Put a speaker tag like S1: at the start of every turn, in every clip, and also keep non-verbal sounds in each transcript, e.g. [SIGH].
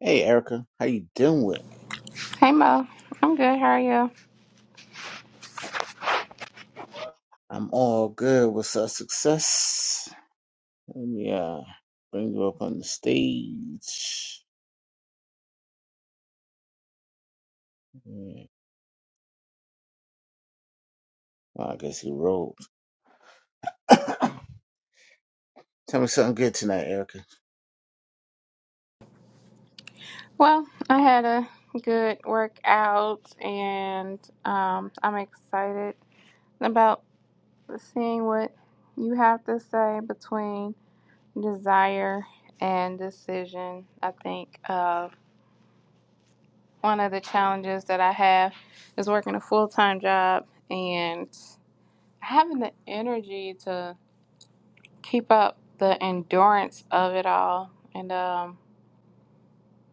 S1: Hey Erica, how you doing?
S2: Hey Mo, I'm good. How are you?
S1: I'm all good. What's up, success? Let me uh bring you up on the stage. Yeah. Well, I guess you rolled. [COUGHS] Tell me something good tonight, Erica.
S2: Well, I had a good workout, and um, I'm excited about seeing what you have to say between desire and decision. I think uh, one of the challenges that I have is working a full time job and having the energy to keep up the endurance of it all. And um,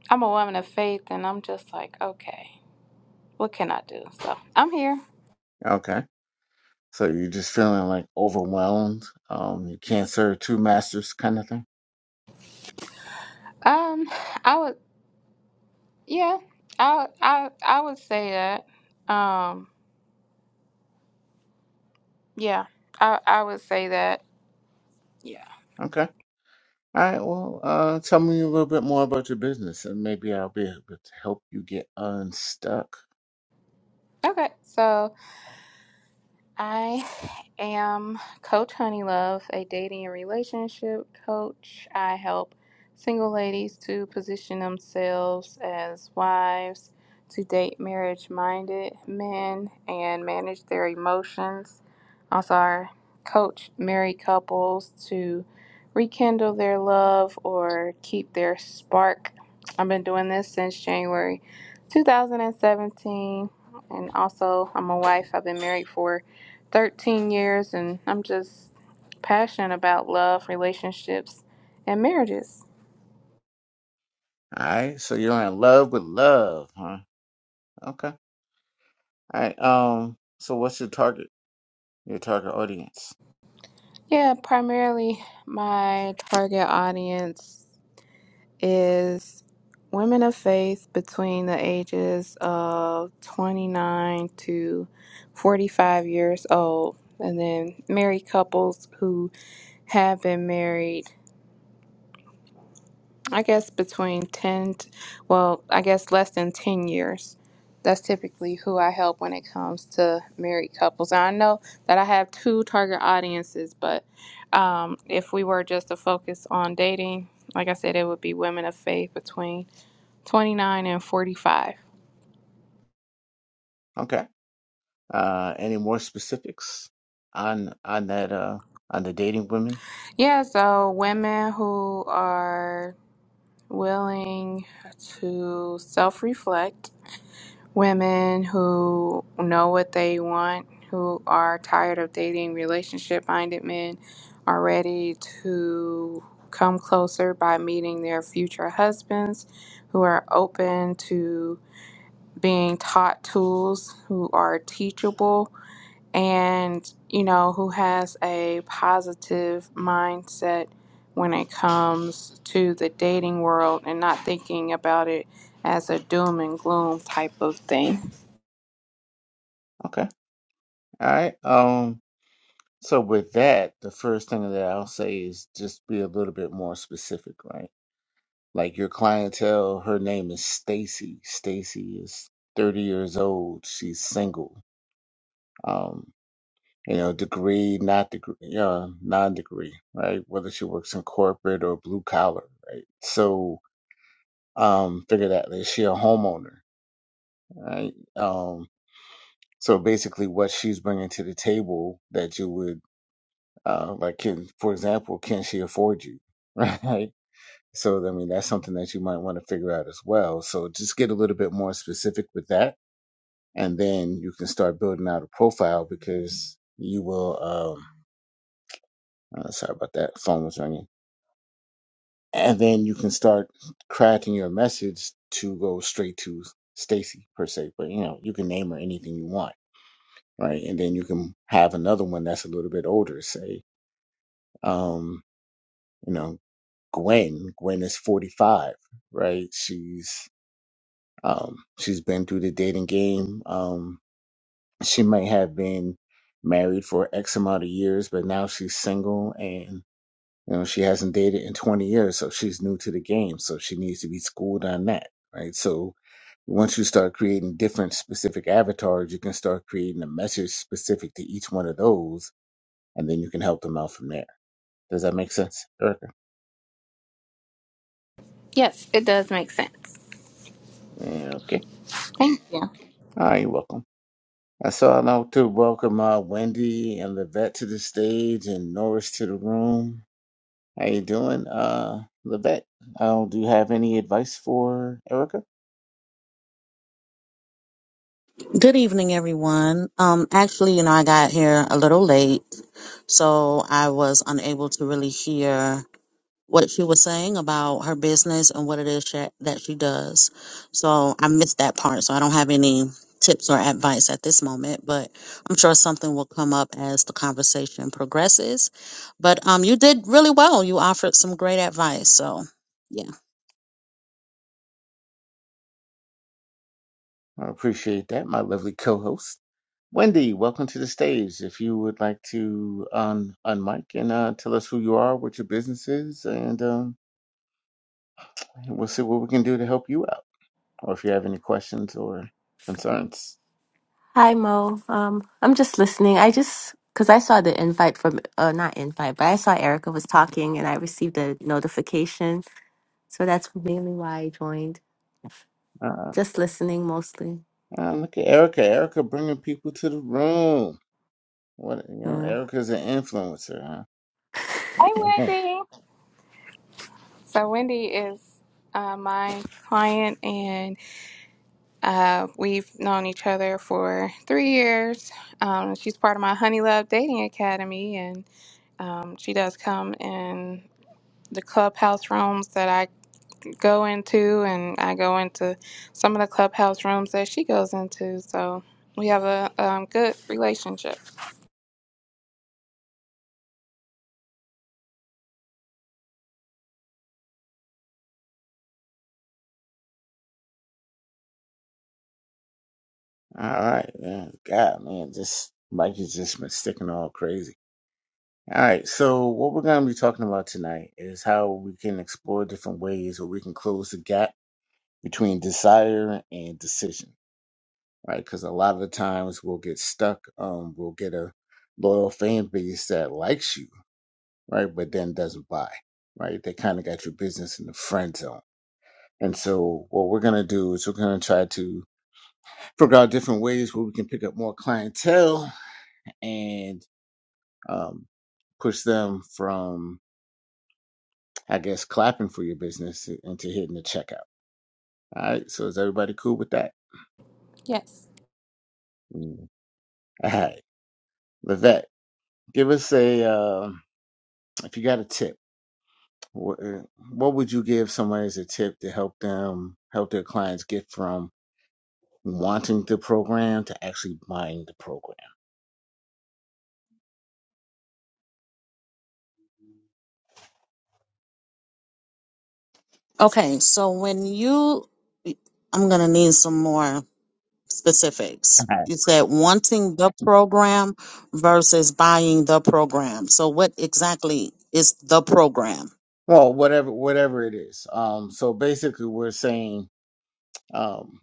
S2: I'm a woman of faith, and I'm just like, okay. what can I do? So I'm here.
S1: Okay. So you're just feeling like overwhelmed. Um, you can't serve two masters, kind of thing.
S2: Um, I would, yeah, I I I would say that. Um, yeah, I I would say that. Yeah.
S1: Okay. All right. Well, uh, tell me a little bit more about your business, and maybe I'll be able to help you get unstuck.
S2: Okay. So. I am Coach Honeylove, a dating and relationship coach. I help single ladies to position themselves as wives, to date marriage minded men, and manage their emotions. Also, I coach married couples to rekindle their love or keep their spark. I've been doing this since January 2017. And also, I'm a wife. I've been married for 13 years, and I'm just passionate about love, relationships, and marriages.
S1: All right. So you're in love with love, huh? Okay. All right. Um. So, what's your target? Your target audience.
S2: Yeah, primarily my target audience is women of faith between the ages of 29 to 45 years old, and then married couples who have been married I guess between 10, t- well, I guess less than 10 years. That's typically who I help when it comes to married couples. And I know that I have two target audiences, but um, if we were just to focus on dating, like I said, it would be women of faith between 29 and 45.
S1: Okay. Uh. Any more specifics on on that? Uh. On the dating women.
S2: Yeah, so women who are willing to self reflect women who know what they want, who are tired of dating relationship minded men, are ready to come closer by meeting their future husbands, who are open to being taught tools, who are teachable, and you know, who has a positive mindset when it comes to the dating world and not thinking about it as a doom and gloom type of thing.
S1: Okay. All right. Um. So with that, the first thing that I'll say is just be a little bit more specific, right? Like your clientele. Her name is Stacy. Stacy is thirty years old. She's single. Um. You know, degree, not degree, uh, non-degree, right? Whether she works in corporate or blue collar, right? So um, figured out that she a homeowner, right? Um, so basically, what she's bringing to the table that you would uh, like, can for example, can she afford you, [LAUGHS] right? So I mean, that's something that you might want to figure out as well. So just get a little bit more specific with that, and then you can start building out a profile because you will. Um, uh, sorry about that, phone was ringing, and then you can start crafting your message to go straight to Stacy per se, but you know you can name her anything you want right? And then you can have another one that's a little bit older, say, um, you know, Gwen. Gwen is 45, right? She's um, she's been through the dating game. Um, she might have been married for X amount of years, but now she's single and you know she hasn't dated in 20 years, so she's new to the game, so she needs to be schooled on that, right? So once you start creating different specific avatars, you can start creating a message specific to each one of those and then you can help them out from there. Does that make sense, Erica?
S2: Yes, it does make sense.
S1: Yeah, okay.
S2: Thank you.
S1: All right, you're welcome. I saw now to welcome uh, Wendy and Levette to the stage and Norris to the room. How you doing, uh, Levette? Uh, do you have any advice for Erica?
S3: Good evening, everyone. Um, actually, you know, I got here a little late, so I was unable to really hear what she was saying about her business and what it is she, that she does. So I missed that part. So I don't have any tips or advice at this moment, but I'm sure something will come up as the conversation progresses. But um, you did really well. You offered some great advice. So yeah.
S1: I appreciate that, my lovely co-host. Wendy, welcome to the stage. If you would like to un unmic and uh, tell us who you are, what your business is, and um, we'll see what we can do to help you out, or if you have any questions or concerns.
S4: Hi Mo. Um, I'm just listening. I just because I saw the invite from uh, not invite, but I saw Erica was talking and I received a notification, so that's mainly why I joined.
S1: Uh,
S4: Just listening mostly.
S1: uh, look at Erica. Erica bringing people to the room. What you know,
S4: Yeah.
S1: Erica's an influencer,
S4: [LAUGHS]
S1: huh? [LAUGHS] Mhm.
S2: So Wendy is uh, my client, and uh, we've known each other for three years. Um, she's part of my Honey Love Dating Academy, and um, she does come in the clubhouse rooms that I go into, and I go into some of the clubhouse rooms that she goes into. So we have a um, good relationship.
S1: All right, man. God, man, this Mike has just been sticking all crazy. All right, so what we're gonna be talking about tonight is how we can explore different ways where we can close the gap between desire and decision, right? Because a lot of the times we'll get stuck. Um, we'll get a loyal fan base that likes you, right, but then doesn't buy, right? They kind of got your business in the friend zone And so what we're going to do is we're going to try to figure out different ways where we can pick up more clientele and um, push them from, I guess, clapping for your business into hitting the checkout. All right. So is everybody cool with that?
S2: Yes.
S1: Mm. All right. Levette, give us a, uh, if you got a tip, wh- uh, what would you give someone as a tip to help them, help their clients get from wanting the program to actually buying the program?
S3: Okay. So when you, I'm gonna need some more specifics. You said wanting the program versus buying the program. So, what exactly is the program?
S1: Well, whatever whatever it is. Um, so basically, we're saying, um,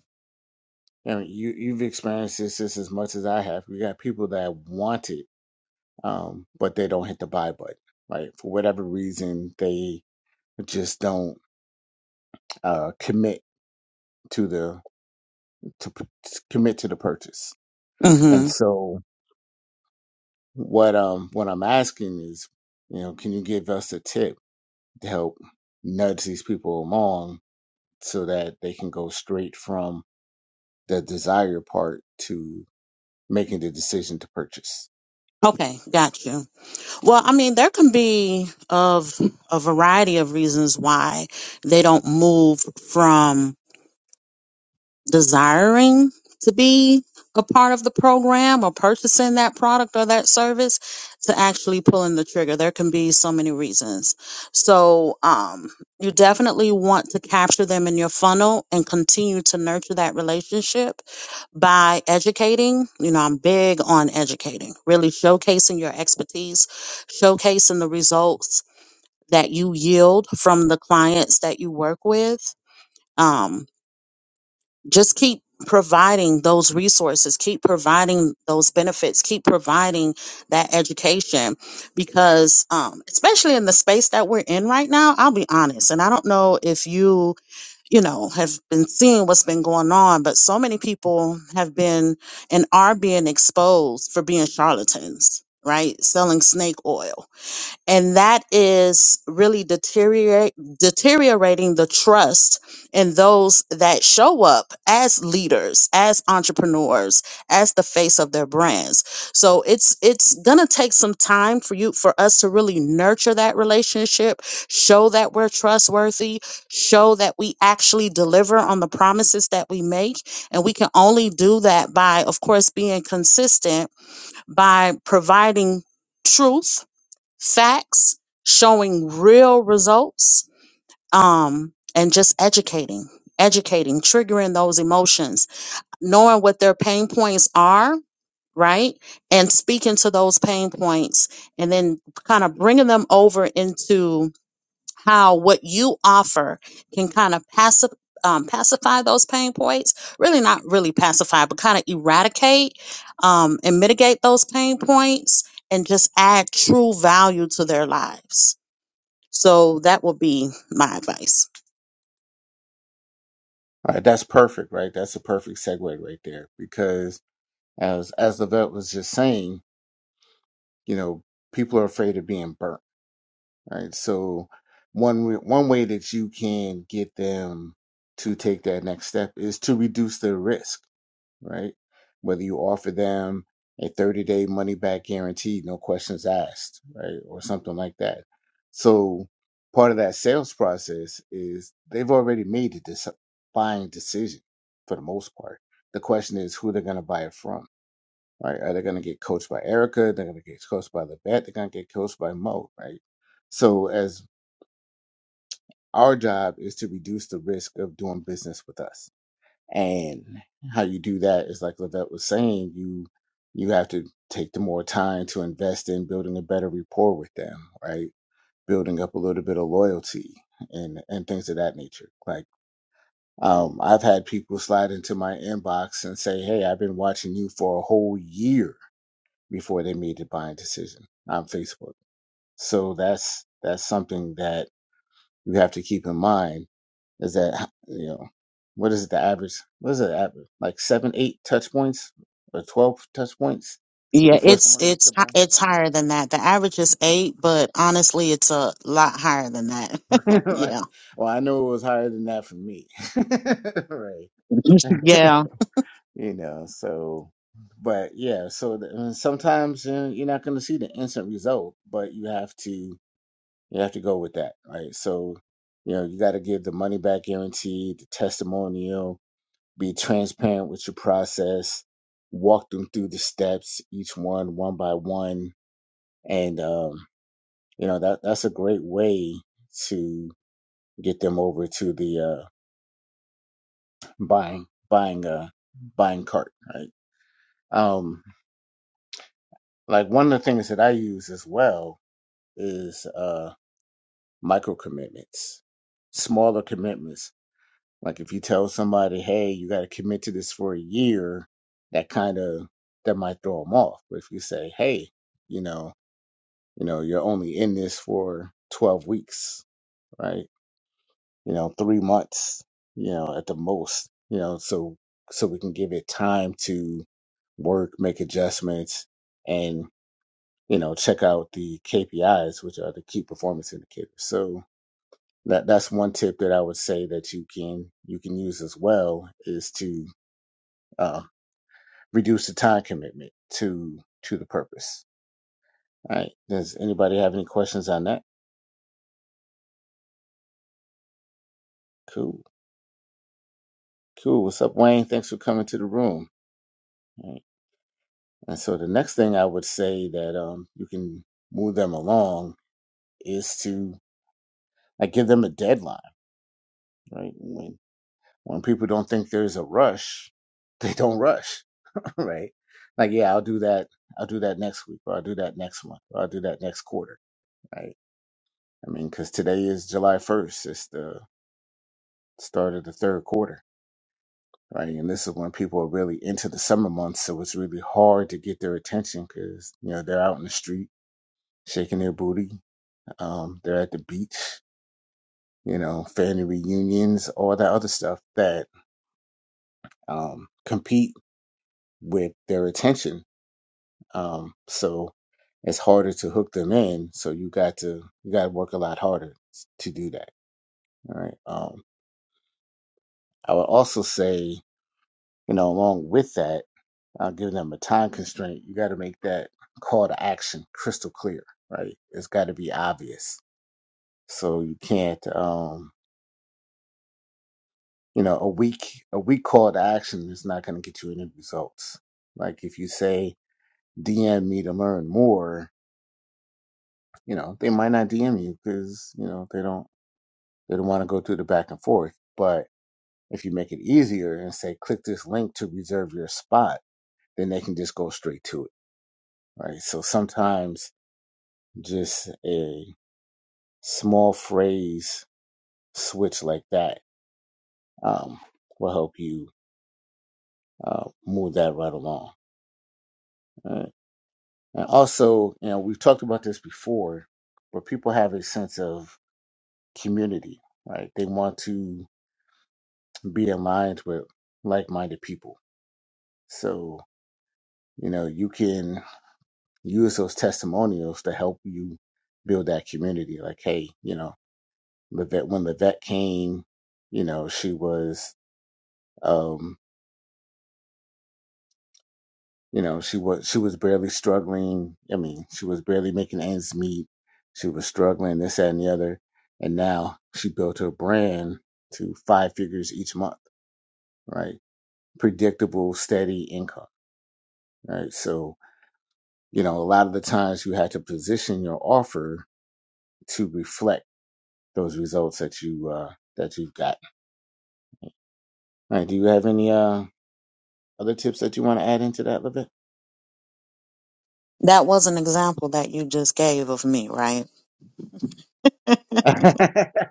S1: you know, you you've experienced this, this as much as I have. We got people that want it, um, but they don't hit the buy button, right? For whatever reason, they just don't uh, commit to the to p- commit to the purchase.
S3: hmm
S1: And so, what um what I'm asking is, you know, can you give us a tip to help nudge these people along so that they can go straight from the desire part to making the decision to purchase.
S3: Okay, got you. Well, I mean, there can be of a variety of reasons why they don't move from desiring to be a part of the program or purchasing that product or that service to actually pulling the trigger. There can be so many reasons. So, um, you definitely want to capture them in your funnel and continue to nurture that relationship by educating. You know, I'm big on educating, really showcasing your expertise, showcasing the results that you yield from the clients that you work with. um just keep providing those resources, keep providing those benefits, keep providing that education because um especially in the space that we're in right now, I'll be honest, and I don't know if you, you know, have been seeing what's been going on, but so many people have been and are being exposed for being charlatans, right? Selling snake oil and that is really deteriorate, deteriorating the trust in those that show up as leaders as entrepreneurs as the face of their brands so it's it's gonna take some time for you for us to really nurture that relationship show that we're trustworthy show that we actually deliver on the promises that we make and we can only do that by of course being consistent by providing truth facts showing real results um, and just educating educating triggering those emotions knowing what their pain points are right and speaking to those pain points and then kind of bringing them over into how what you offer can kind of pacify um, pacify those pain points really not really pacify but kind of eradicate um, and mitigate those pain points and just add true value to their lives so that would be my advice.
S1: All right, that's perfect, right? That's a perfect segue right there because as as the vet was just saying, you know, people are afraid of being burnt, right? So one w- one way that you can get them to take that next step is to reduce their risk right? Whether you offer them a 30 day money back guarantee, no questions asked, right? Or something like that. So part of that sales process is they've already made a dis- buying decision for the most part. The question is who they're going to buy it from, right? Are they going to get coached by Erica? They're going to get coached by the vet. They're going to get coached by Mo, right? So as our job is to reduce the risk of doing business with us and how you do that is like Lavette was saying, you you have to take the more time to invest in building a better rapport with them, right? Building up a little bit of loyalty and and things of that nature. Like um, I've had people slide into my inbox and say, "Hey, I've been watching you for a whole year before they made the buying decision on Facebook." So that's that's something that you have to keep in mind is that you know what is it the average? What is it the average? Like seven, eight touch points or twelve touch points
S3: Yeah,
S1: before
S3: it's
S1: someone makes
S3: it's
S1: a
S3: hi-
S1: buy.
S3: it's higher than that. The average is eight, but honestly, it's a lot higher than that.
S1: [LAUGHS]
S3: [LAUGHS]
S1: right.
S3: yeah,
S1: Well, I know it was higher than that for me. [LAUGHS] right.
S3: [LAUGHS] yeah.
S1: You know. So, but yeah. So the, and sometimes you know, you're not going to see the instant result, but you have to you have to go with that. Right. So you know you got to give the money back guarantee, the testimonial be transparent with your process, walk them through the steps, each one one by one, and um, you know that that's a great way to get them over to the uh, buying buying uh buying cart, right? Um, like one of the things that I use as well is uh, micro commitments, smaller commitments Like if you tell somebody, hey, you got to commit to this for a year, that kind of that might throw them off. But if you say, hey, you know, you know, you're only in this for 12 weeks, right? You know, three months, you know, at the most, you know, so so we can give it time to work, make adjustments, and you know, check out the KPIs, which are the key performance indicators. So that that's one tip that I would say that you can you can use as well is to uh, reduce the time commitment to to the purpose. All right. Does anybody have any questions on that? Cool. Cool. What's up, Wayne? Thanks for coming to the room. All right. And so the next thing I would say that um, you can move them along is to like give them a deadline, right? When when people don't think there's a rush, [LAUGHS] they don't rush, [LAUGHS] right? Like, yeah, I'll do that. I'll do that next week, or I'll do that next month, or I'll do that next quarter, right? I mean, because today is July 1st. It's the start of the third quarter, right? And this is when people are really into the summer months, so it's really hard to get their attention because you know they're out in the street shaking their booty, um, they're at the beach, you know, family reunions, all that other stuff that um, compete with their attention. Um, so it's harder to hook them in. So you got to you got to work a lot harder to do that. All right. Um, I would also say, you know, along with that. uh, giving them a time constraint, you got to make that call to action crystal clear, right? It's got to be obvious. So you can't, um, you know, a weak a weak call to action is not going to get you any results. Like if you say DM me to learn more, you know, they might not DM you because you know they don't they don't want to go through the back and forth. But if you make it easier and say click this link to reserve your spot, then they can just go straight to it, right? So sometimes just a small phrase switch like that um, will help you uh, move that right along. Right? And also, you know, we've talked about this before, where people have a sense of community, right? They want to be aligned with like-minded people. So, you know, you can use those testimonials to help you build that community. Like, hey, you know, Levette, when Levette came, you know, she was um, You know, she was she was barely struggling. I mean, she was barely making ends meet. She was struggling this, that, and the other. And now she built her brand to five figures each month, right? Predictable, steady income, right? So, you know, a lot of the times you have to position your offer to reflect those results that you uh that you've got. All right. Do you have any uh other tips that you want to add into that, Levit?
S3: That was an example that you just gave of me, right?
S1: [LAUGHS]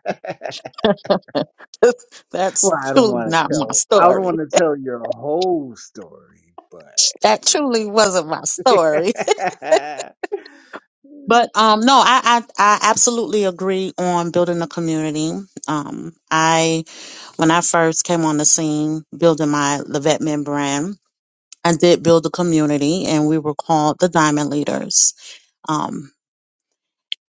S3: That's
S1: Well, I don't
S3: truly
S1: want to
S3: not my
S1: tell. I don't want
S3: story.
S1: to tell your whole story, but
S3: That
S1: you
S3: truly wasn't my
S1: know.
S3: story.
S1: [LAUGHS]
S3: But um, no, I I, I absolutely agree on building a community. Um, I when I first came on the scene, building my Levette Men brand. I did build a community and we were called the Diamond Leaders. Um,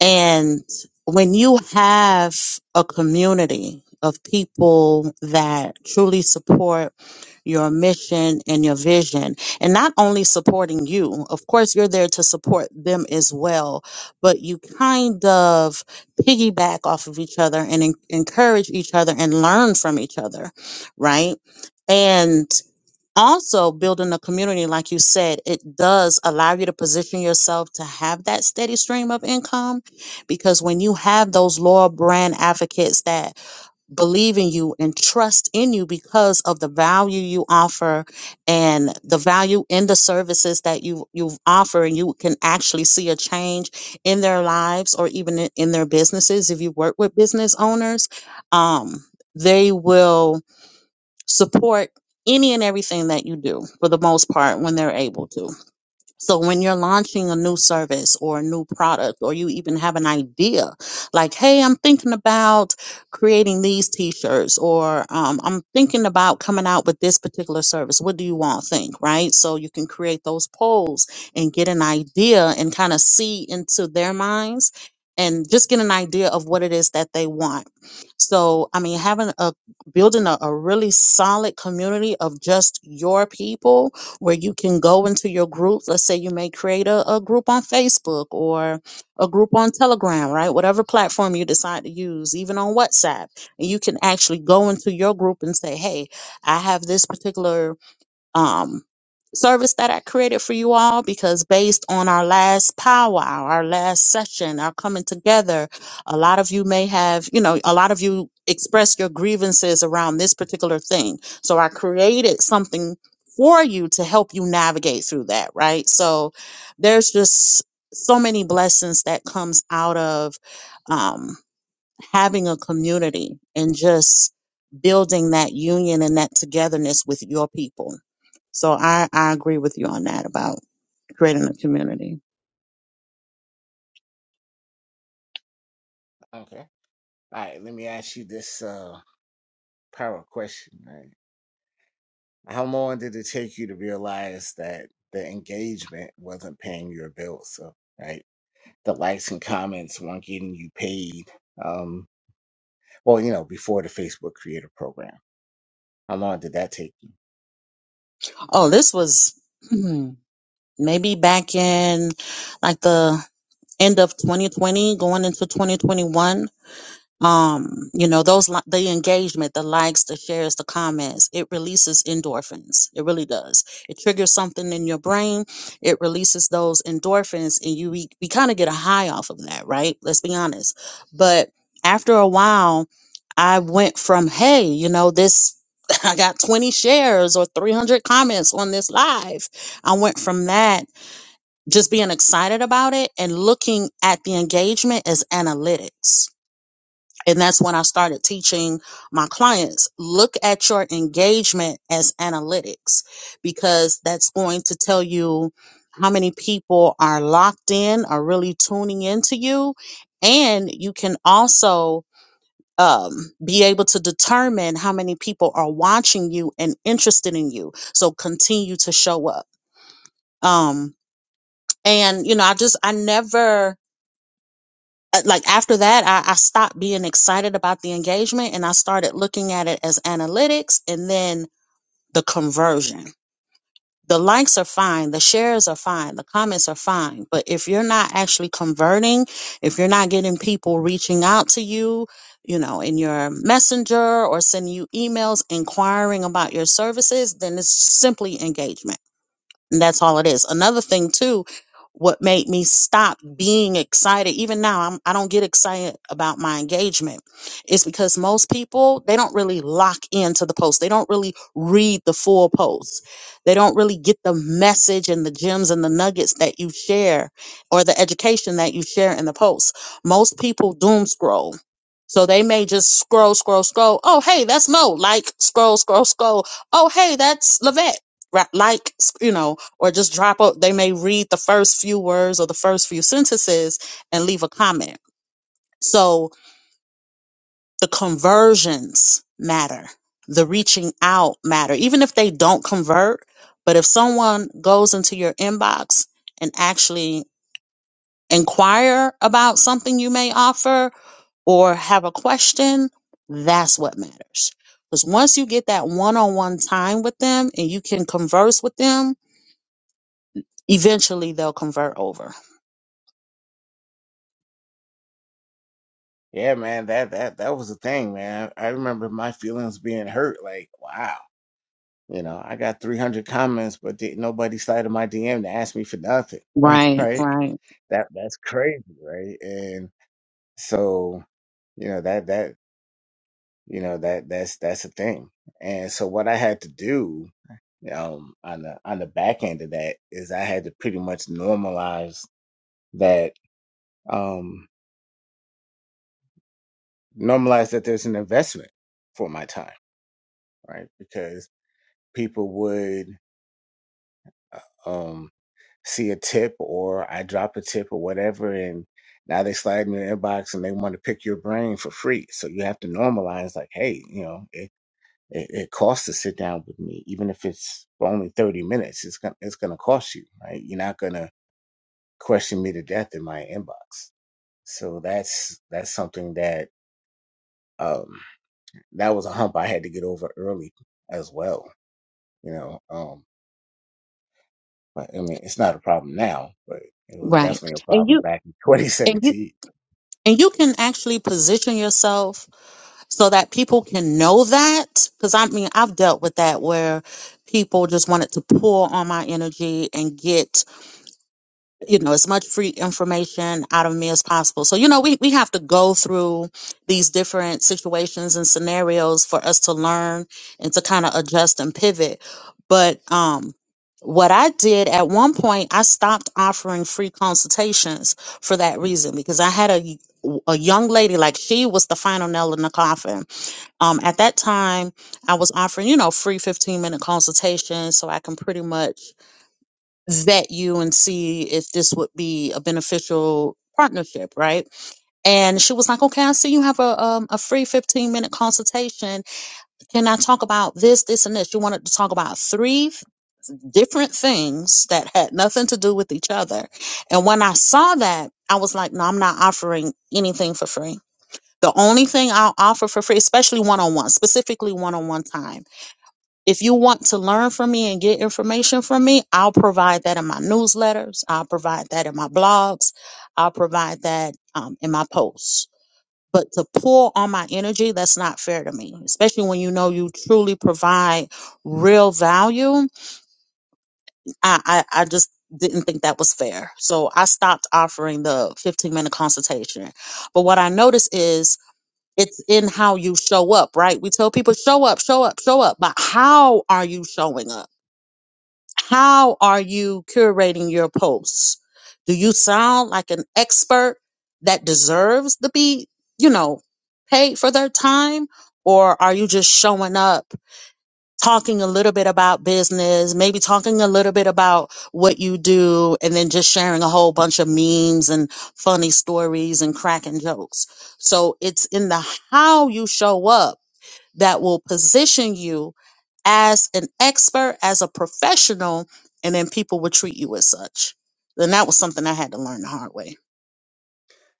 S3: and when you have a community of people that truly support your mission and your vision, and not only supporting you, of course, you're there to support them as well, but you kind of piggyback off of each other and en- encourage each other and learn from each other, right? And also building a community like you said it does allow you to position yourself to have that steady stream of income because when you have those loyal brand advocates that believe in you and trust in you because of the value you offer and the value in the services that you you offer and you can actually see a change in their lives or even in in their businesses if you work with business owners um they will support any and everything that you do for the most part when they're able to. So when you're launching a new service or a new product, or you even have an idea, like, hey, I'm thinking about creating these t-shirts, or um, I'm thinking about coming out with this particular service. What do you want? Think right. So you can create those polls and get an idea and kind of see into their minds. And just get an idea of what it is that they want. So, I mean, having a building a, a really solid community of just your people where you can go into your group. Let's say you may create a, a group on Facebook or a group on Telegram, right? Whatever platform you decide to use, even on WhatsApp. And you can actually go into your group and say, hey, I have this particular um, service that I created for you all because based on our last powwow, our last session, our coming together, a lot of you may have, you know, a lot of you expressed your grievances around this particular thing. So I created something for you to help you navigate through that, right? So there's just so many blessings that comes out of um, having a community and just building that union and that togetherness with your people. So I, I agree with you on that about creating a community.
S1: okay. All right. Let me ask you this uh, power question. Right? How long did it take you to realize that the engagement wasn't paying your bills? So, right, the likes and comments weren't getting you paid. Um, well, you know, before the Facebook Creator Program, how long did that take you?
S3: Oh, this was [CLEARS THROAT] maybe back in like the end of 2020, going into 2021. um you know those li- the engagement the likes the shares the comments it releases endorphins it really does it triggers something in your brain it releases those endorphins and you we, we kind of get a high off of that right let's be honest but after a while i went from hey you know this [LAUGHS] i got 20 shares or 300 comments on this live i went from that just being excited about it and looking at the engagement as analytics and that's when I started teaching my clients look at your engagement as analytics because that's going to tell you how many people are locked in, are really tuning into you. And you can also um, be able to determine how many people are watching you and interested in you. So continue to show up. Um, and, you know, I just, I never uh, like after that I, I stopped being excited about the engagement and i started looking at it as analytics and then the conversion the likes are fine the shares are fine the comments are fine but if you're not actually converting if you're not getting people reaching out to you you know in your messenger or sending you emails inquiring about your services then it's simply engagement and that's all it is. Another thing too, what made me stop being excited, even now, I'm, I don't get excited about my engagement, is because most people they don't really lock into the post. They don't really read the full post. They don't really get the message and the gems and the nuggets that you share, or the education that you share in the post. Most people doom scroll. So they may just scroll, scroll, scroll. Oh, hey, that's Mo. Like, scroll, scroll, scroll. Oh, hey, that's Levette. Right, like, you know, or just drop up they may read the first few words or the first few sentences and leave a comment so the conversions matter the reaching out matter even if they don't convert but if someone goes into your inbox and actually inquire about something you may offer or have a question that's what matters because once you get that one-on-one time with them and you can converse with them eventually they'll convert over
S1: Yeah, man, that that that was the thing, man. I remember my feelings being hurt. Like, wow. You know, I got 300 comments, but did, nobody slid in my DM to ask me for nothing, [LAUGHS]
S3: right
S1: right?
S3: right
S1: That that's crazy, right? And so, you know, that that you know that that's that's a thing. And so, what I had to do um, on the on the back end of that is I had to pretty much normalize that um, normalize that there's an investment for my time, right? Because people would. uh, um see a tip or I drop a tip or whatever, and now they slide in your inbox and they want to pick your brain for free. So you have to normalize, like, hey, you know, it, it, it costs to sit down with me, even if it's for only thirty minutes. It's gonna it's gonna cost you, right? You're not gonna question me to death in my inbox. So that's that's something that um that was a hump I had to get over early as well. You know, um, but I mean, it's not a problem now, but it was
S3: Right.
S1: definitely a
S3: And
S1: problem
S3: you
S1: back in [LAUGHS]
S3: and you
S1: 2017
S3: and you can actually position yourself so that people can know that because I mean I've dealt with that where people just wanted to pour on my energy and get you know as much free information out of me as possible so you know we, we have to go through these different situations and scenarios for us to learn and to kind of adjust and pivot but um what i did at one point i stopped offering free consultations for that reason because i had a a young lady like she was the final nail in the coffin um at that time i was offering you know free 15 minute consultations so i can pretty much vet you and see if this would be a beneficial partnership, right? And she was like, okay, I see you have a, um, a free 15 minute consultation. Can I talk about this, this, and this? She wanted to talk about three different things that had nothing to do with each other. And when I saw that, I was like, no, I'm not offering anything for free. The only thing I'll offer for free, especially one on one, specifically one on one time if you want to learn from me and get information from me, I'll provide that in my newsletters. I'll provide that in my blogs. I'll provide that um, in my posts. But to pull on my energy, that's not fair to me, especially when you know you truly provide real value. I, I, I just didn't think that was fair. So I stopped offering the 15 minute consultation. But what I noticed is it's in how you show up, right? We tell people show up, show up, show up, but how are you showing up? How are you curating your posts? Do you sound like an expert that deserves to be, you know, paid for their time? Or are you just showing up, talking a little bit about business, maybe talking a little bit about what you do, and then just sharing a whole bunch of memes and funny stories and cracking jokes? So it's in the how you show up that will position you as an expert, as a professional, and then people will treat you as such. And that was something I had to learn the hard way.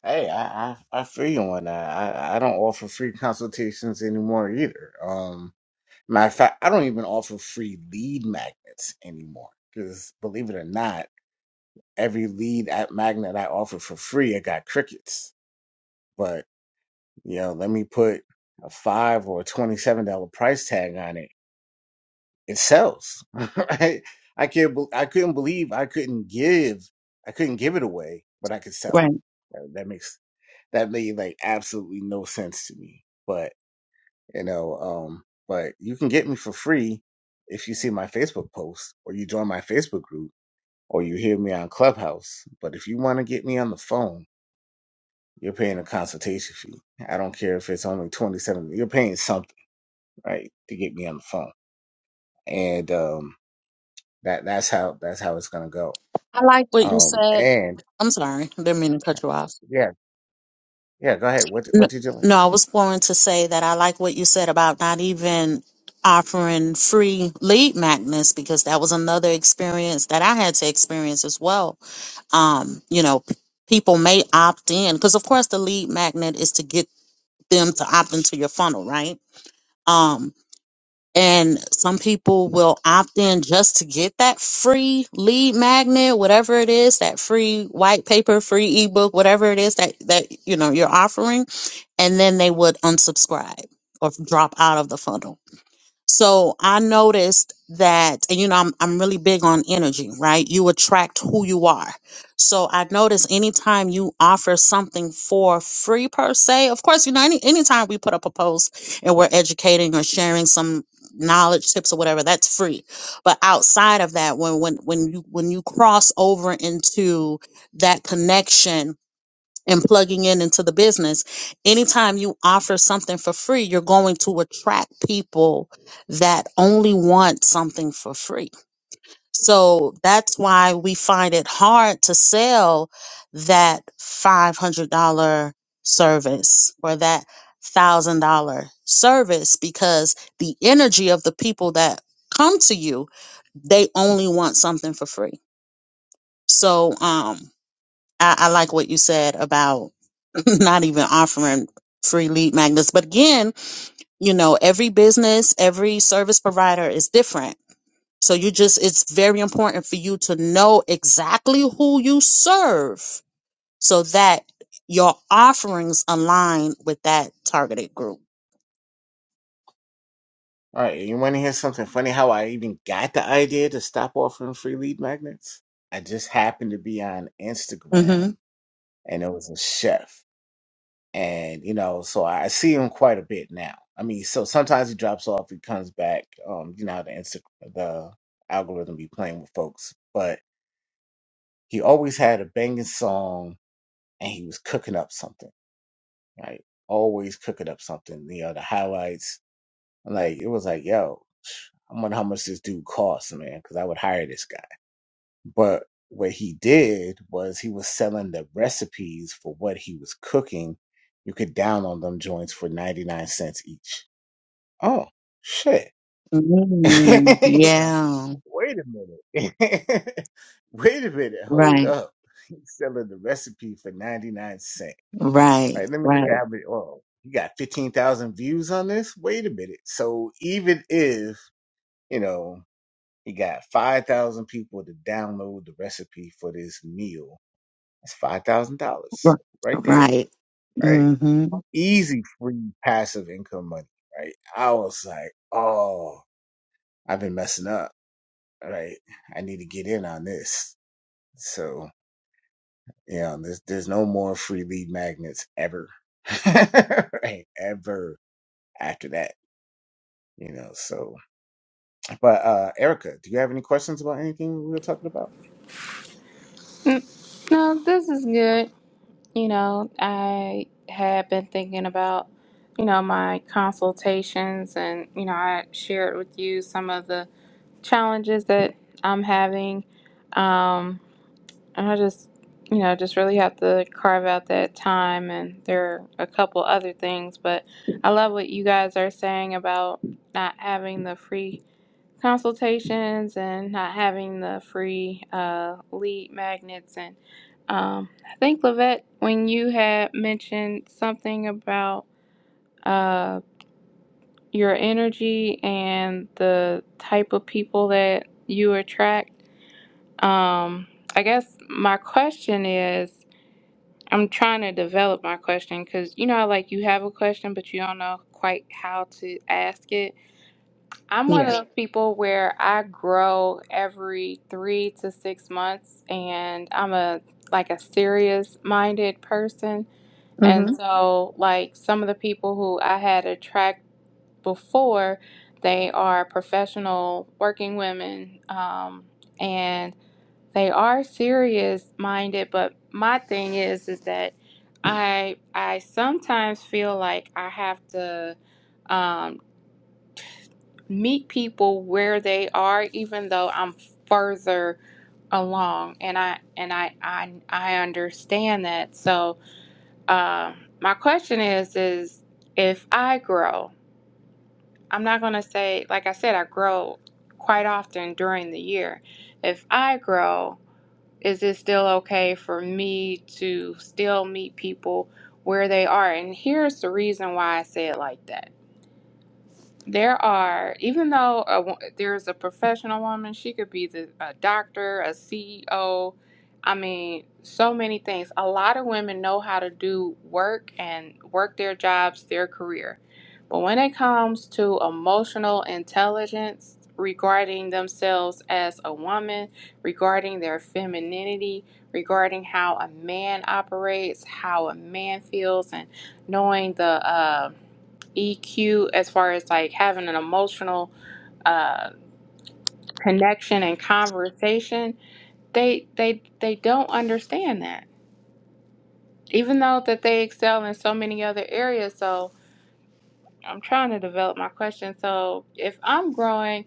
S1: Hey, I, I I feel you on that. I, I don't offer free consultations anymore either. Um, matter of fact, I don't even offer free lead magnets anymore. Because believe it or not, every lead at magnet I offer for free, I got crickets. But you know, let me put a five or a twenty-seven dollar price tag on it. It sells. [LAUGHS] Right? I can't. bel- I couldn't believe I couldn't give. I couldn't give it away, but I could sell it.
S3: Right.
S1: That that makes that made like absolutely no sense to me. But you know, um, but you can get me for free if you see my Facebook post or you join my Facebook group or you hear me on Clubhouse. But if you want to get me on the phone, you're paying a consultation fee. I don't care if it's only twenty seven. You're paying something, right, to get me on the phone, and um, that that's how that's how it's gonna go.
S3: I like what you
S1: Um,
S3: said.
S1: and
S3: I'm sorry, I didn't mean to cut you off.
S1: yeah, yeah. Go ahead. What
S3: No,
S1: what did you like?
S3: no, I was going to say that I like what you said about not even offering free lead magnets because that was another experience that I had to experience as well. Um, you know, p- people may opt in because, of course, the lead magnet is to get them to opt into your funnel, right? Um, and some people will opt in just to get that free lead magnet, whatever it is, that free white paper, free ebook, whatever it is that that you know you're offering, and then they would unsubscribe or drop out of the funnel so I noticed that, and you know, I'm I'm really big on energy, right? You attract who you are. So I noticed anytime you offer something for free per se, of course, you know, any anytime we put up a post and we're educating or sharing some knowledge tips or whatever, that's free. But outside of that, when when when you when you cross over into that connection and plugging in into the business. Anytime you offer something for free, you're going to attract people that only want something for free. So that's why we find it hard to sell that $500 service or that $1,000 service because the energy of the people that come to you, they only want something for free. So um, I, I like what you said about. [LAUGHS] not even offering free lead magnets. But again, you know, every business, every service provider is different. So you just, it's very important for you to know exactly who you serve so that your offerings align with that targeted group.
S1: All right, you want to hear something funny? How I even got the idea to stop offering free lead magnets? I just happened to be on Instagram,
S3: Mm-hmm.
S1: and it was a chef, and you know, so I see him quite a bit now. I mean, so sometimes he drops off, he comes back. Um, you know how the Insta the algorithm be playing with folks, but he always had a banging song, and he was cooking up something, right? Always cooking up something. You know, the highlights. Like it was like, yo. I wonder how much this dude costs, man, because I would hire this guy. But what he did was he was selling the recipes for what he was cooking. You could download them joints for 99 cents each. Oh, shit. [LAUGHS]
S3: mm
S1: You know,
S3: Yeah.
S1: Wait a minute. [LAUGHS] Wait a minute. Hold
S3: Right.
S1: up. He's selling the recipe for 99 cents. All
S3: Right.
S1: right, let me look at
S3: Right.
S1: how many. Oh, you got 15,000 views on this? Wait a minute. So even if, you know, He got 5,000 people to download the recipe for this meal. That's $5,000 right there,
S3: Right.
S1: right?
S3: Mm-hmm.
S1: Easy, free, passive income money, right? I was like, oh, I've been messing up, right? I need to get in on this. So, you know, there's, there's no more free lead magnets ever, [LAUGHS] right? Ever after that, you know, so, but, uh, Erica, do you have any questions about anything we were talking about?
S2: Mm, No, this is good. You know, I had been thinking about, you know, my consultations and, you know, I shared with you some of the challenges that I'm having. Um, and I just, you know, just really have to carve out that time. And there are a couple other things, but I love what you guys are saying about not having the free consultations and not having the free uh, lead magnets. And um, I think, Lavette, when you had mentioned something about uh, your energy and the type of people that you attract, um, I guess my question is I'm trying to develop my question because you know, how, like you have a question, but you don't know quite how to ask it I'm one of
S3: Yeah.
S2: those people where I grow every three to six months, and I'm a like a serious minded person. And Mhm. so, like some of the people who I had attract before, they are professional working women, um, and they are serious minded. But my thing is, is that I I sometimes feel like I have to. um, meet people where they are even though I'm further along and I and I I, I understand that so uh, my question is is if I grow I'm not gonna say like I said I grow quite often during the year if I grow is it still okay for me to still meet people where they are and here's the reason why I say it like that there are, even though a, wo- there's a professional woman, she could be the, a doctor, a CEO. I mean, so many things. A lot of women know how to do work and work their jobs, their career. But when it comes to emotional intelligence regarding themselves as a woman, regarding their femininity, regarding how a man operates, how a man feels, and knowing the, uh, EQ as far as like having an emotional uh, connection and conversation, they they they don't understand that. Even though that they excel in so many other areas, so I'm trying to develop my question. So if I'm growing,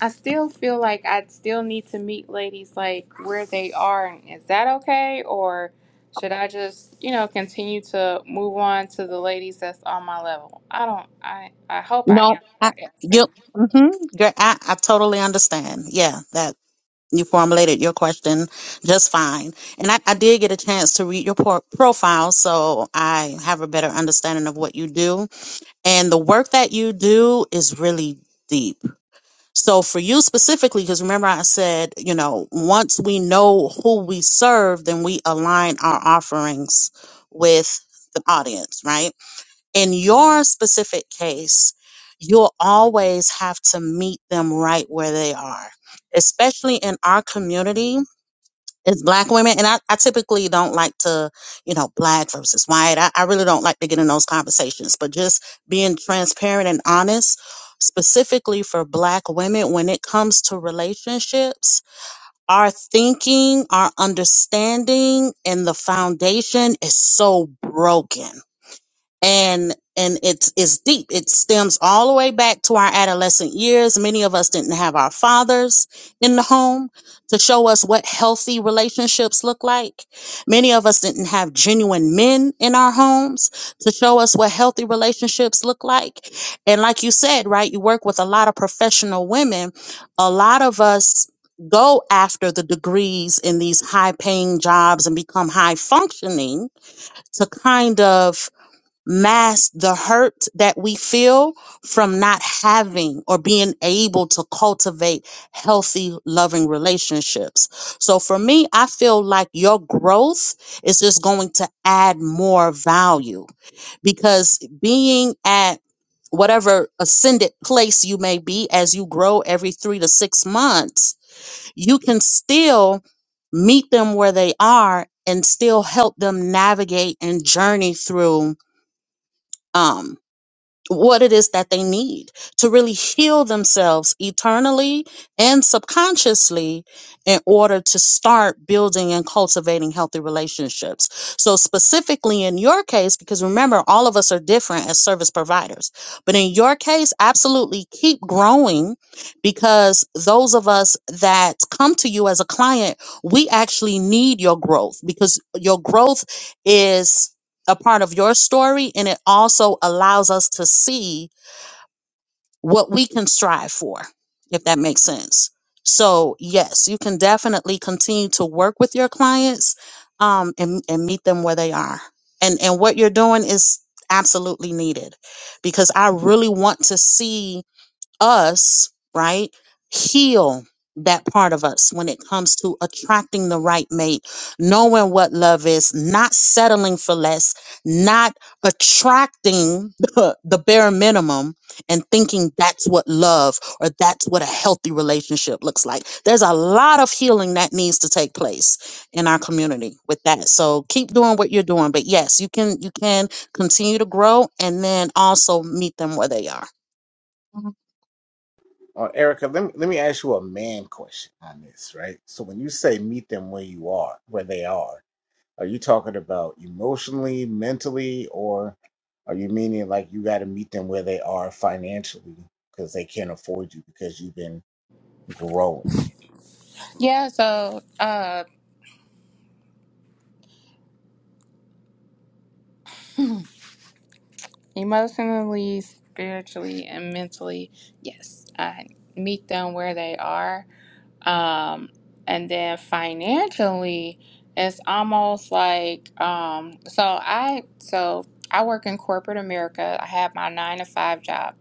S2: I still feel like I still need to meet ladies like where they are. And Is that okay, or should I just you know continue to move on to the ladies that's on my level? I don't. I I hope I
S3: No, I,
S2: answered that.
S3: yep. hmm Girl, I, I totally understand. Yeah, that you formulated your question just fine. And I, I did get a chance to read your por- profile, so I have a better understanding of what you do. And the work that you do is really deep. So for you specifically, because remember I said, you know, once we know who we serve, then we align our offerings with the audience, right? in your specific case, you'll always have to meet them right where they are, especially in our community. As black women, and I, I typically don't like to, you know, black versus white. I, I really don't like to get in those conversations, but just being transparent and honest, specifically for black women, when it comes to relationships, our thinking, our understanding, and the foundation is so broken and and it's it's deep. It stems all the way back to our adolescent years. Many of us didn't have our fathers in the home to show us what healthy relationships look like. Many of us didn't have genuine men in our homes to show us what healthy relationships look like. And like you said, right, you work with a lot of professional women. A lot of us go after the degrees in these high paying jobs and become high functioning to kind of mask the hurt that we feel from not having or being able to cultivate healthy, loving relationships. So for me, I feel like your growth is just going to add more value because being at whatever ascended place you may be as you grow every three to six months, you can still meet them where they are and still help them navigate and journey through. Um, what it is that they need to really heal themselves eternally and subconsciously in order to start building and cultivating healthy relationships. So, specifically in your case, because remember, all of us are different as service providers, but in your case, absolutely keep growing because those of us that come to you as a client, we actually need your growth because your growth is a part of your story and it also allows us to see what we can strive for if that makes sense so yes you can definitely continue to work with your clients um, and, and meet them where they are and and what you're doing is absolutely needed because i really want to see us, right, heal that part of us when it comes to attracting the right mate, knowing what love is, not settling for less, not attracting [LAUGHS] the bare minimum and thinking that's what love or that's what a healthy relationship looks like. There's a lot of healing that needs to take place in our community with that. So keep doing what you're doing, but yes, you can you can continue to grow and then also meet them where they are.
S1: Uh, Erica, let me, let me ask you a man question on this, right? So when you say meet them where you are, where they are, are you talking about emotionally, mentally, or are you meaning like you got to meet them where they are financially because they can't afford you because you've been growing?
S2: Yeah, so uh emotionally, spiritually and mentally, yes. I meet them where they are. Um and then financially, it's almost like um so I so I work in corporate America. I have my 9 to 5 job.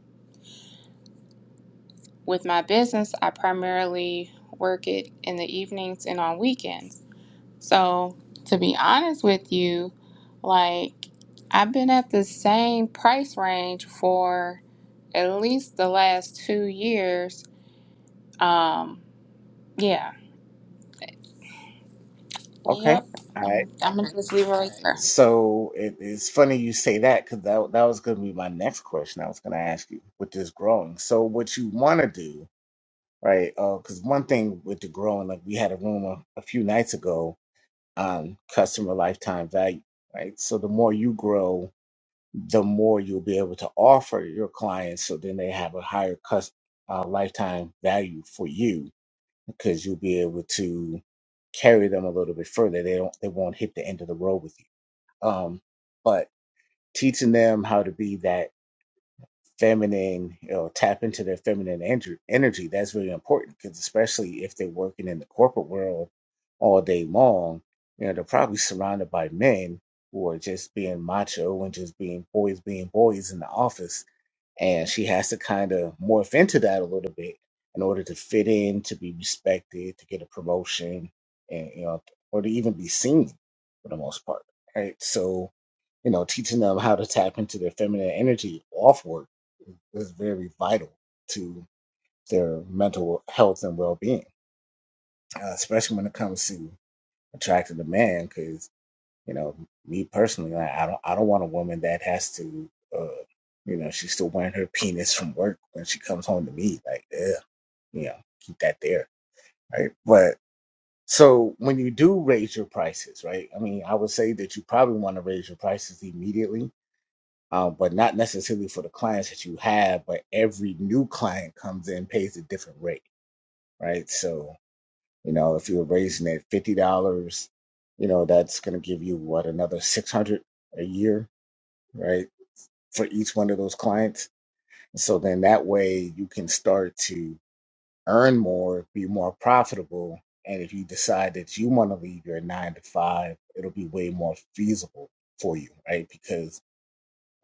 S2: With my business, I primarily work it in the evenings and on weekends. So, to be honest with you, like I've been at the same price range for at least the last two years. Um, yeah.
S1: Okay.
S2: Yep.
S1: All right.
S2: I'm, I'm gonna just leave it right there.
S1: So it, it's funny you say that because that, that was going to be my next question I was going to ask you with this growing. So what you want to do, right? Because one thing with the growing, like we had a room a, a few nights ago um, customer lifetime value, right? So the more you grow, the more you'll be able to offer your clients. So then they have a higher cus- uh, lifetime value for you because you'll be able to carry them a little bit further. They don't, they won't hit the end of the road with you. Um, but teaching them how to be that feminine, you know, tap into their feminine ener- energy. That's really important because, especially if they're working in the corporate world all day long, you know, they're probably surrounded by men who are just being macho and just being boys, being boys in the office. And she has to kind of morph into that a little bit in order to fit in, to be respected, to get a promotion, and, you know, or to even be seen for the most part. Right. So, you know, teaching them how to tap into their feminine energy off work is very vital to their mental health and well being, uh, especially when it comes to attracting a man. Because you know, me personally, I, I don't, I don't want a woman that has to, uh, you know, she's still wearing her penis from work when she comes home to me. Like, yeah, you know, keep that there, right? But so when you do raise your prices, right? I mean, I would say that you probably want to raise your prices immediately um, but not necessarily for the clients that you have, but every new client comes in pays a different rate, right? So, you know, if you're raising it $50, you know, that's going to give you what another 600 a year, right? For each one of those clients. And so then that way you can start to earn more, be more profitable. And if you decide that you want to leave your nine to five, it'll be way more feasible for you, right? Because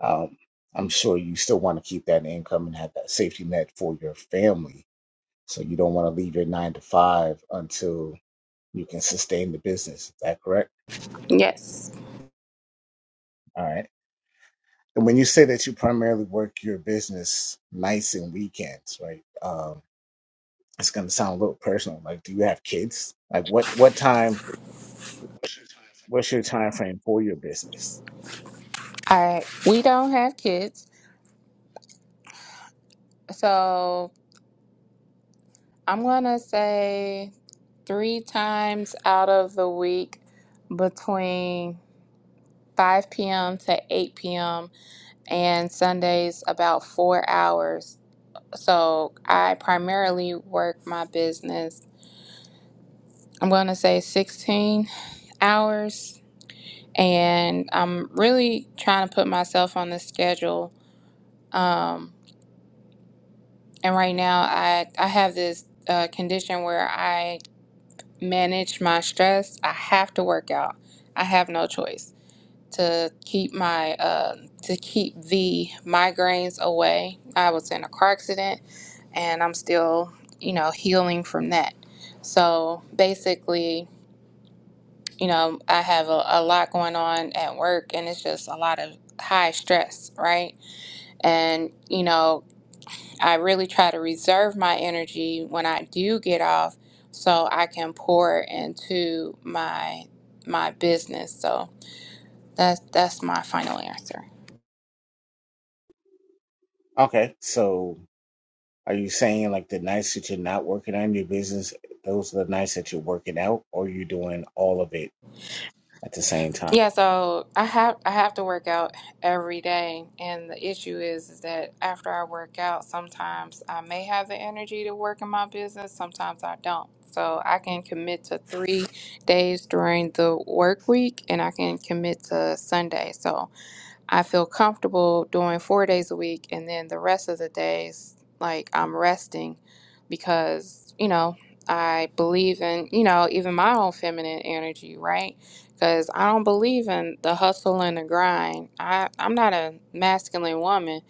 S1: Um, I'm sure you still want to keep that income and have that safety net for your family. So you don't want to leave your nine to five until you can sustain the business. Is that correct?
S2: Yes.
S1: All right. And when you say that you primarily work your business nights and weekends, right? Um, it's going to sound a little personal. Like, do you have kids? Like, what what time? What's your time frame for your business?
S2: All right. We don't have kids, so I'm gonna say three times out of the week between 5 p.m. to 8 p.m. and Sundays about four hours So I primarily work my business, I'm going to say 16 hours. And I'm really trying to put myself on the schedule. Um, and right now, I, I have this uh, condition where I manage my stress. I have to work out, I have no choice. to keep my uh, to keep the migraines away. I was in a car accident, and I'm still, you know, healing from that. So basically, you know, I have a, a lot going on at work, and it's just a lot of high stress, right? And you know, I really try to reserve my energy when I do get off, so I can pour into my my business. So that's that's my final answer.
S1: Okay, so are you saying like the nights that you're not working on your business, those are the nights that you're working out, or are you doing all of it at the same time.
S2: Yeah, so I have I have to work out every day, and the issue is, is that after I work out, sometimes I may have the energy to work in my business, sometimes I don't. So I can commit to three days during the work week, and I can commit to Sunday. So I feel comfortable doing four days a week, and then the rest of the days, like I'm resting because, you know, I believe in, you know, even my own feminine energy, right? Because I don't believe in the hustle and the grind. I, I'm not a masculine woman.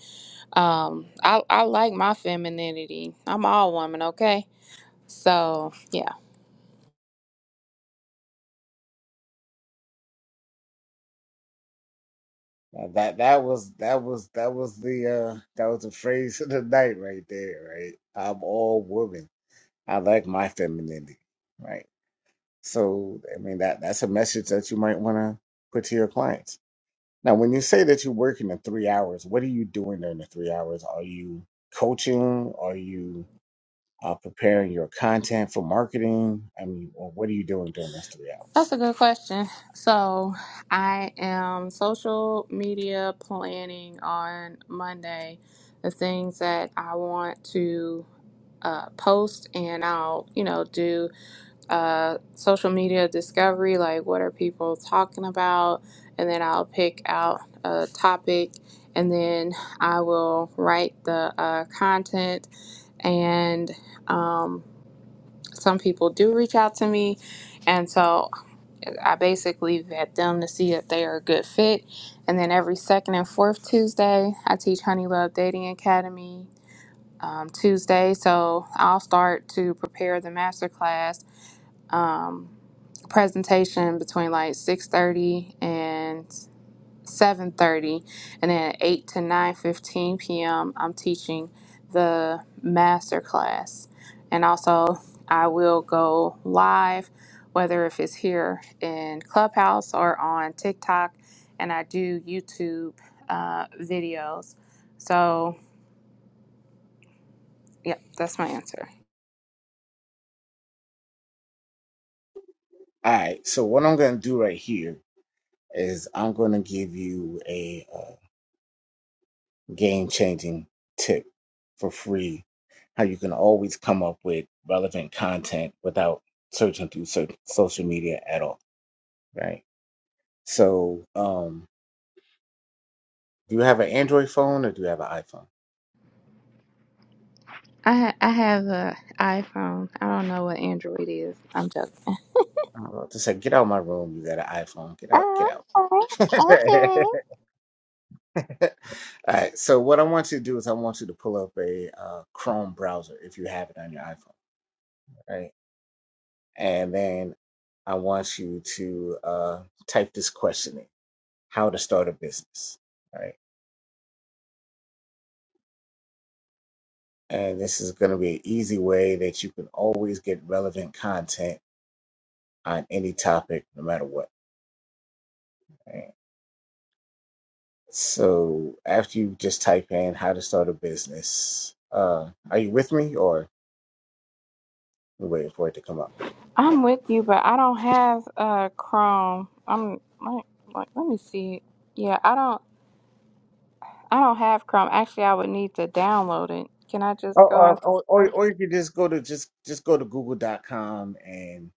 S2: Um, I, I like my femininity. I'm all woman, okay? So, yeah.
S1: Now, that that was that was that was the uh that was the phrase of the night right there, right? I'm all woman. I like my femininity, right? So I mean that that's a message that you might want to put to your clients. Now, when you say that you're working in three hours, what are you doing during the three hours? Are you coaching? Are you uh, preparing your content for marketing? I mean, or what are you doing during those three hours?
S2: That's a good question. So, I am social media planning on Monday the things that I want to uh, post, and I'll, you know, do uh, social media discovery like what are people talking about, and then I'll pick out a topic, and then I will write the uh, content. And um, some people do reach out to me, and so I basically vet them to see if they are a good fit. And then every second and fourth Tuesday, I teach Honey Love Dating Academy um, Tuesday. So I'll start to prepare the masterclass um, presentation between like 6.30 and 7:30 and then at 8 to 9:15 p.m. I'm teaching the master class. And also I will go live whether if it's here in Clubhouse or on TikTok and I do YouTube uh, videos. So, yep, that's my answer.
S1: All right. So what I'm going to do right here is I'm going to give you a uh, game changing tip for free. How you can always come up with relevant content without searching through search- social media at all, right? So, um, do you have an Android phone or do you have an iPhone?
S2: I ha- I have a iPhone. I don't know what Android is. I'm joking.
S1: I'm about to say, get out of my room. You got an iPhone. Get out.
S2: Oh,
S1: Get out.
S2: okay.
S1: [LAUGHS] all right. So, what I want you to do is I want you to pull up a uh, Chrome browser if you have it on your iPhone. right? and then I want you to uh, type this question in: How to start a business, right? And this is going to be an easy way that you can always get relevant content on any topic, no matter what. right? So after you just type in "How to start a business," uh, are you with me, or we are waiting for it to come up?
S2: I'm with you, but I don't have uh Chrome. I'm like, like let me see. Yeah, I don't I don't have Chrome. Actually, I would need to download it. Can I
S1: Or,
S2: just go
S1: or, or, or
S2: into
S1: or you could just go to just just go to Google.com and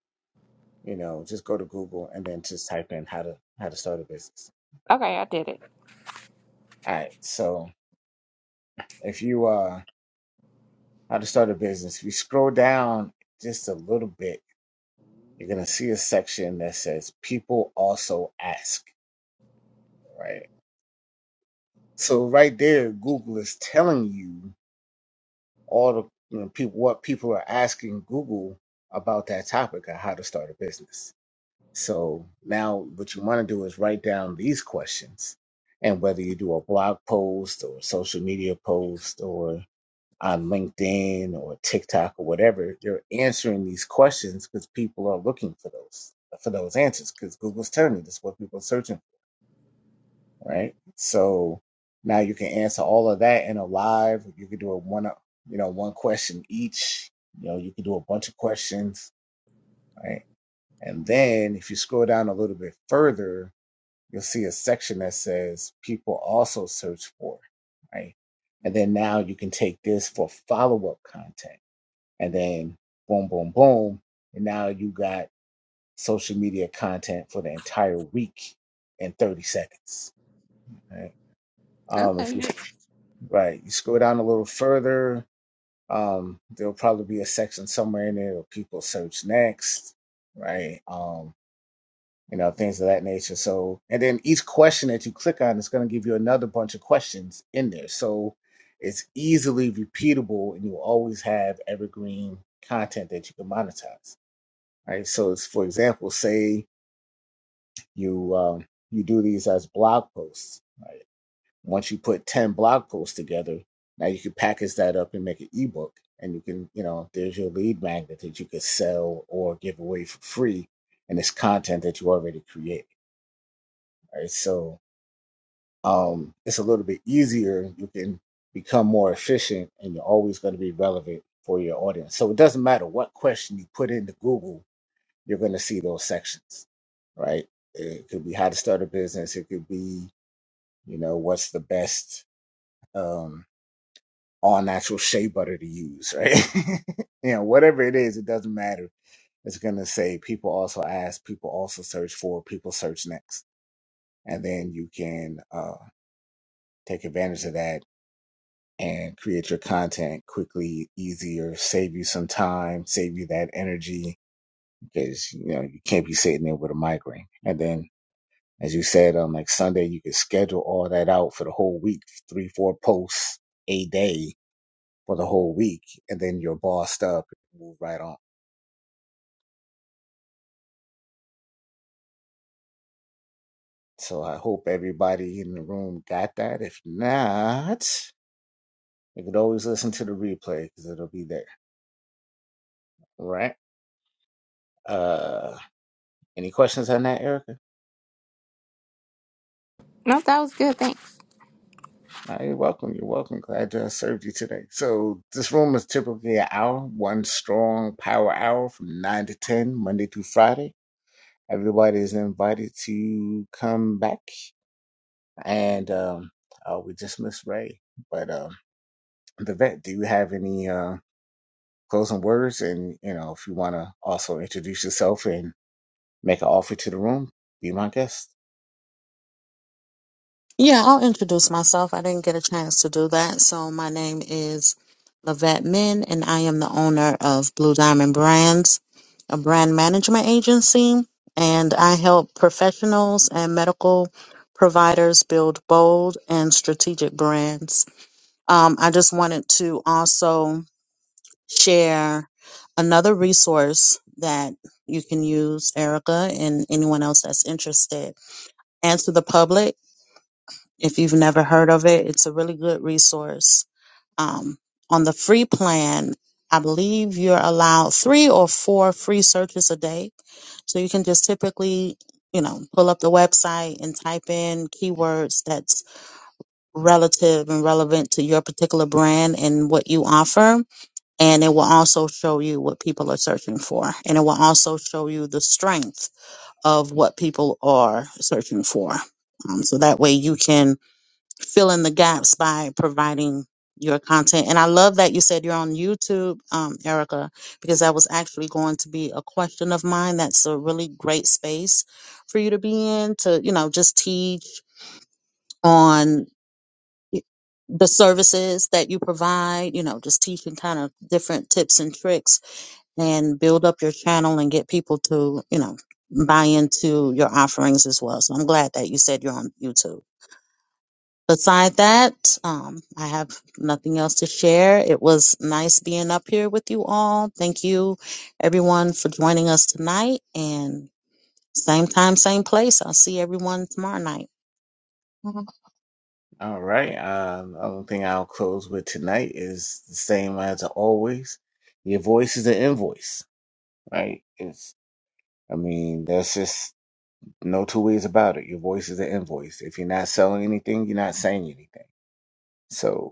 S1: you know just go to Google and then just type in how to how to start a business
S2: Okay, I did it.
S1: All right. So if you uh how to start a business, if you scroll down just a little bit, you're gonna see a section that says people also ask, right? So right there, Google is telling you all the you know people what people are asking Google about that topic of how to start a business. So now what you want to do is write down these questions. And whether you do a blog post or a social media post or on LinkedIn or TikTok or whatever, you're answering these questions because people are looking for those for those answers because Google's turning. That's what people are searching for, right? So now you can answer all of that in a live. You could do a one you know one question each. You know you could do a bunch of questions, right? And then if you scroll down a little bit further, you'll see a section that says people also search for, right? And then now you can take this for follow up content and then boom, boom, boom. And now you got social media content for the entire week in 30 seconds. Right? Um, if you
S2: Okay.
S1: right, you scroll down a little further, um, there'll probably be a section somewhere in there where people search next, right? Um, you know, things of that nature. So, and then each question that you click on is going to give you another bunch of questions in there. So it's easily repeatable and you always have evergreen content that you can monetize right? So, it's, for example, say you um, you do these as blog posts, right? Once you put ten blog posts together, now you can package that up and make an ebook, and you can, you know, there's your lead magnet that you could sell or give away for free, and it's content that you already create, right? So, um, it's a little bit easier. You can become more efficient, and you're always going to be relevant for your audience. So it doesn't matter what question you put into Google you're going to see those sections, right? It could be how to start a business. It could be, you know, what's the best um, all natural shea butter to use, right? [LAUGHS] you know, whatever it is, it doesn't matter. It's going to say people also ask, people also search for, people search next. And then you can uh, take advantage of that and create your content quickly, easier, save you some time, save you that energy because, you know, you can't be sitting there with a migraine. And then as you said, um, like Sunday, you could schedule all that out for the whole week, three, four posts a day for the whole week, and then you're bossed up and move right on. So I hope everybody in the room got that. If not, you could always listen to the replay because it'll be there. All right. Uh, any questions on that, Erica?
S2: No, that was good. Thanks.
S1: Uh, you're welcome. You're welcome. Glad I served you today. So this room is typically an hour, one strong power hour from nine to ten, Monday through Friday. Everybody is invited to come back, and um, uh, we just miss Ray. But um, the vet, do you have any uh, closing words? And you know, if you want to also introduce yourself and make an offer to the room, be my guest.
S3: Yeah, I'll introduce myself. I didn't get a chance to do that. So, my name is Lavette Min, and I am the owner of Blue Diamond Brands, a brand management agency. And I help professionals and medical providers build bold and strategic brands. Um, I just wanted to also share another resource that you can use, Erica, and anyone else that's interested. Answer the Public if you've never heard of it. It's a really good resource. Um, on the free plan, I believe you're allowed three or four free searches a day. So you can just typically, you know, pull up the website and type in keywords that's relative and relevant to your particular brand and what you offer. And it will also show you what people are searching for. And it will also show you the strength of what people are searching for. Um, so that way you can fill in the gaps by providing your content. And I love that you said you're on YouTube, um, Erica, because that was actually going to be a question of mine. That's a really great space for you to be in to, you know, just teach on y- the services that you provide, you know, just teaching kind of different tips and tricks and build up your channel and get people to, you know, buy into your offerings as well. So I'm glad that you said you're on YouTube beside that, um, I have nothing else to share. It was nice being up here with you all. Thank you, everyone, for joining us tonight. And same time, same place. I'll see everyone tomorrow night.
S1: All right. Um, only thing I'll close with tonight is the same as always. Your voice is an invoice, right? It's, I mean, there's just no two ways about it. Your voice is an invoice. If you're not selling anything, you're not saying anything. So.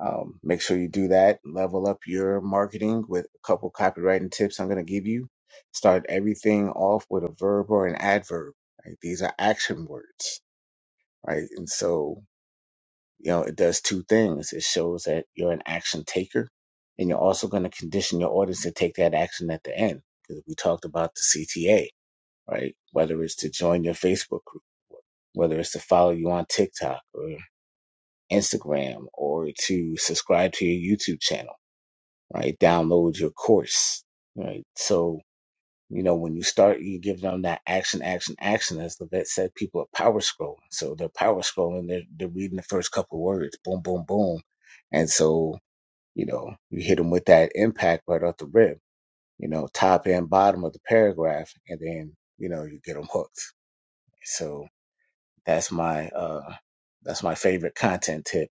S1: Um, make sure you do that. Level up your marketing with a couple copywriting tips I'm going to give you. Start everything off with a verb or an adverb. Right? These are action words, right? And so, you know, it does two things. It shows that you're an action taker, and you're also going to condition your audience to take that action at the end. Because we talked about the CTA, right? Whether it's to join your Facebook group, whether it's to follow you on TikTok or Instagram or to subscribe to your YouTube channel right? Download your course, right? So, you know, when you start, you give them that action, action, action. As the vet said, people are power scrolling. So they're power scrolling, they're, they're reading the first couple words, boom, boom, boom. And so, you know, you hit them with that impact right off the rip, you know, top and bottom of the paragraph, and then, you know, you get them hooked. So that's my, uh, that's my favorite content tip.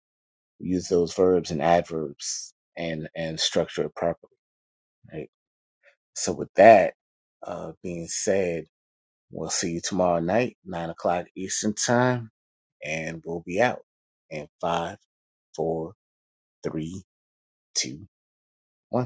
S1: Use those verbs and adverbs and, and structure it properly. Right? So with that uh, being said, we'll see you tomorrow night, nine o'clock Eastern time, and we'll be out in five, four, three, two, one.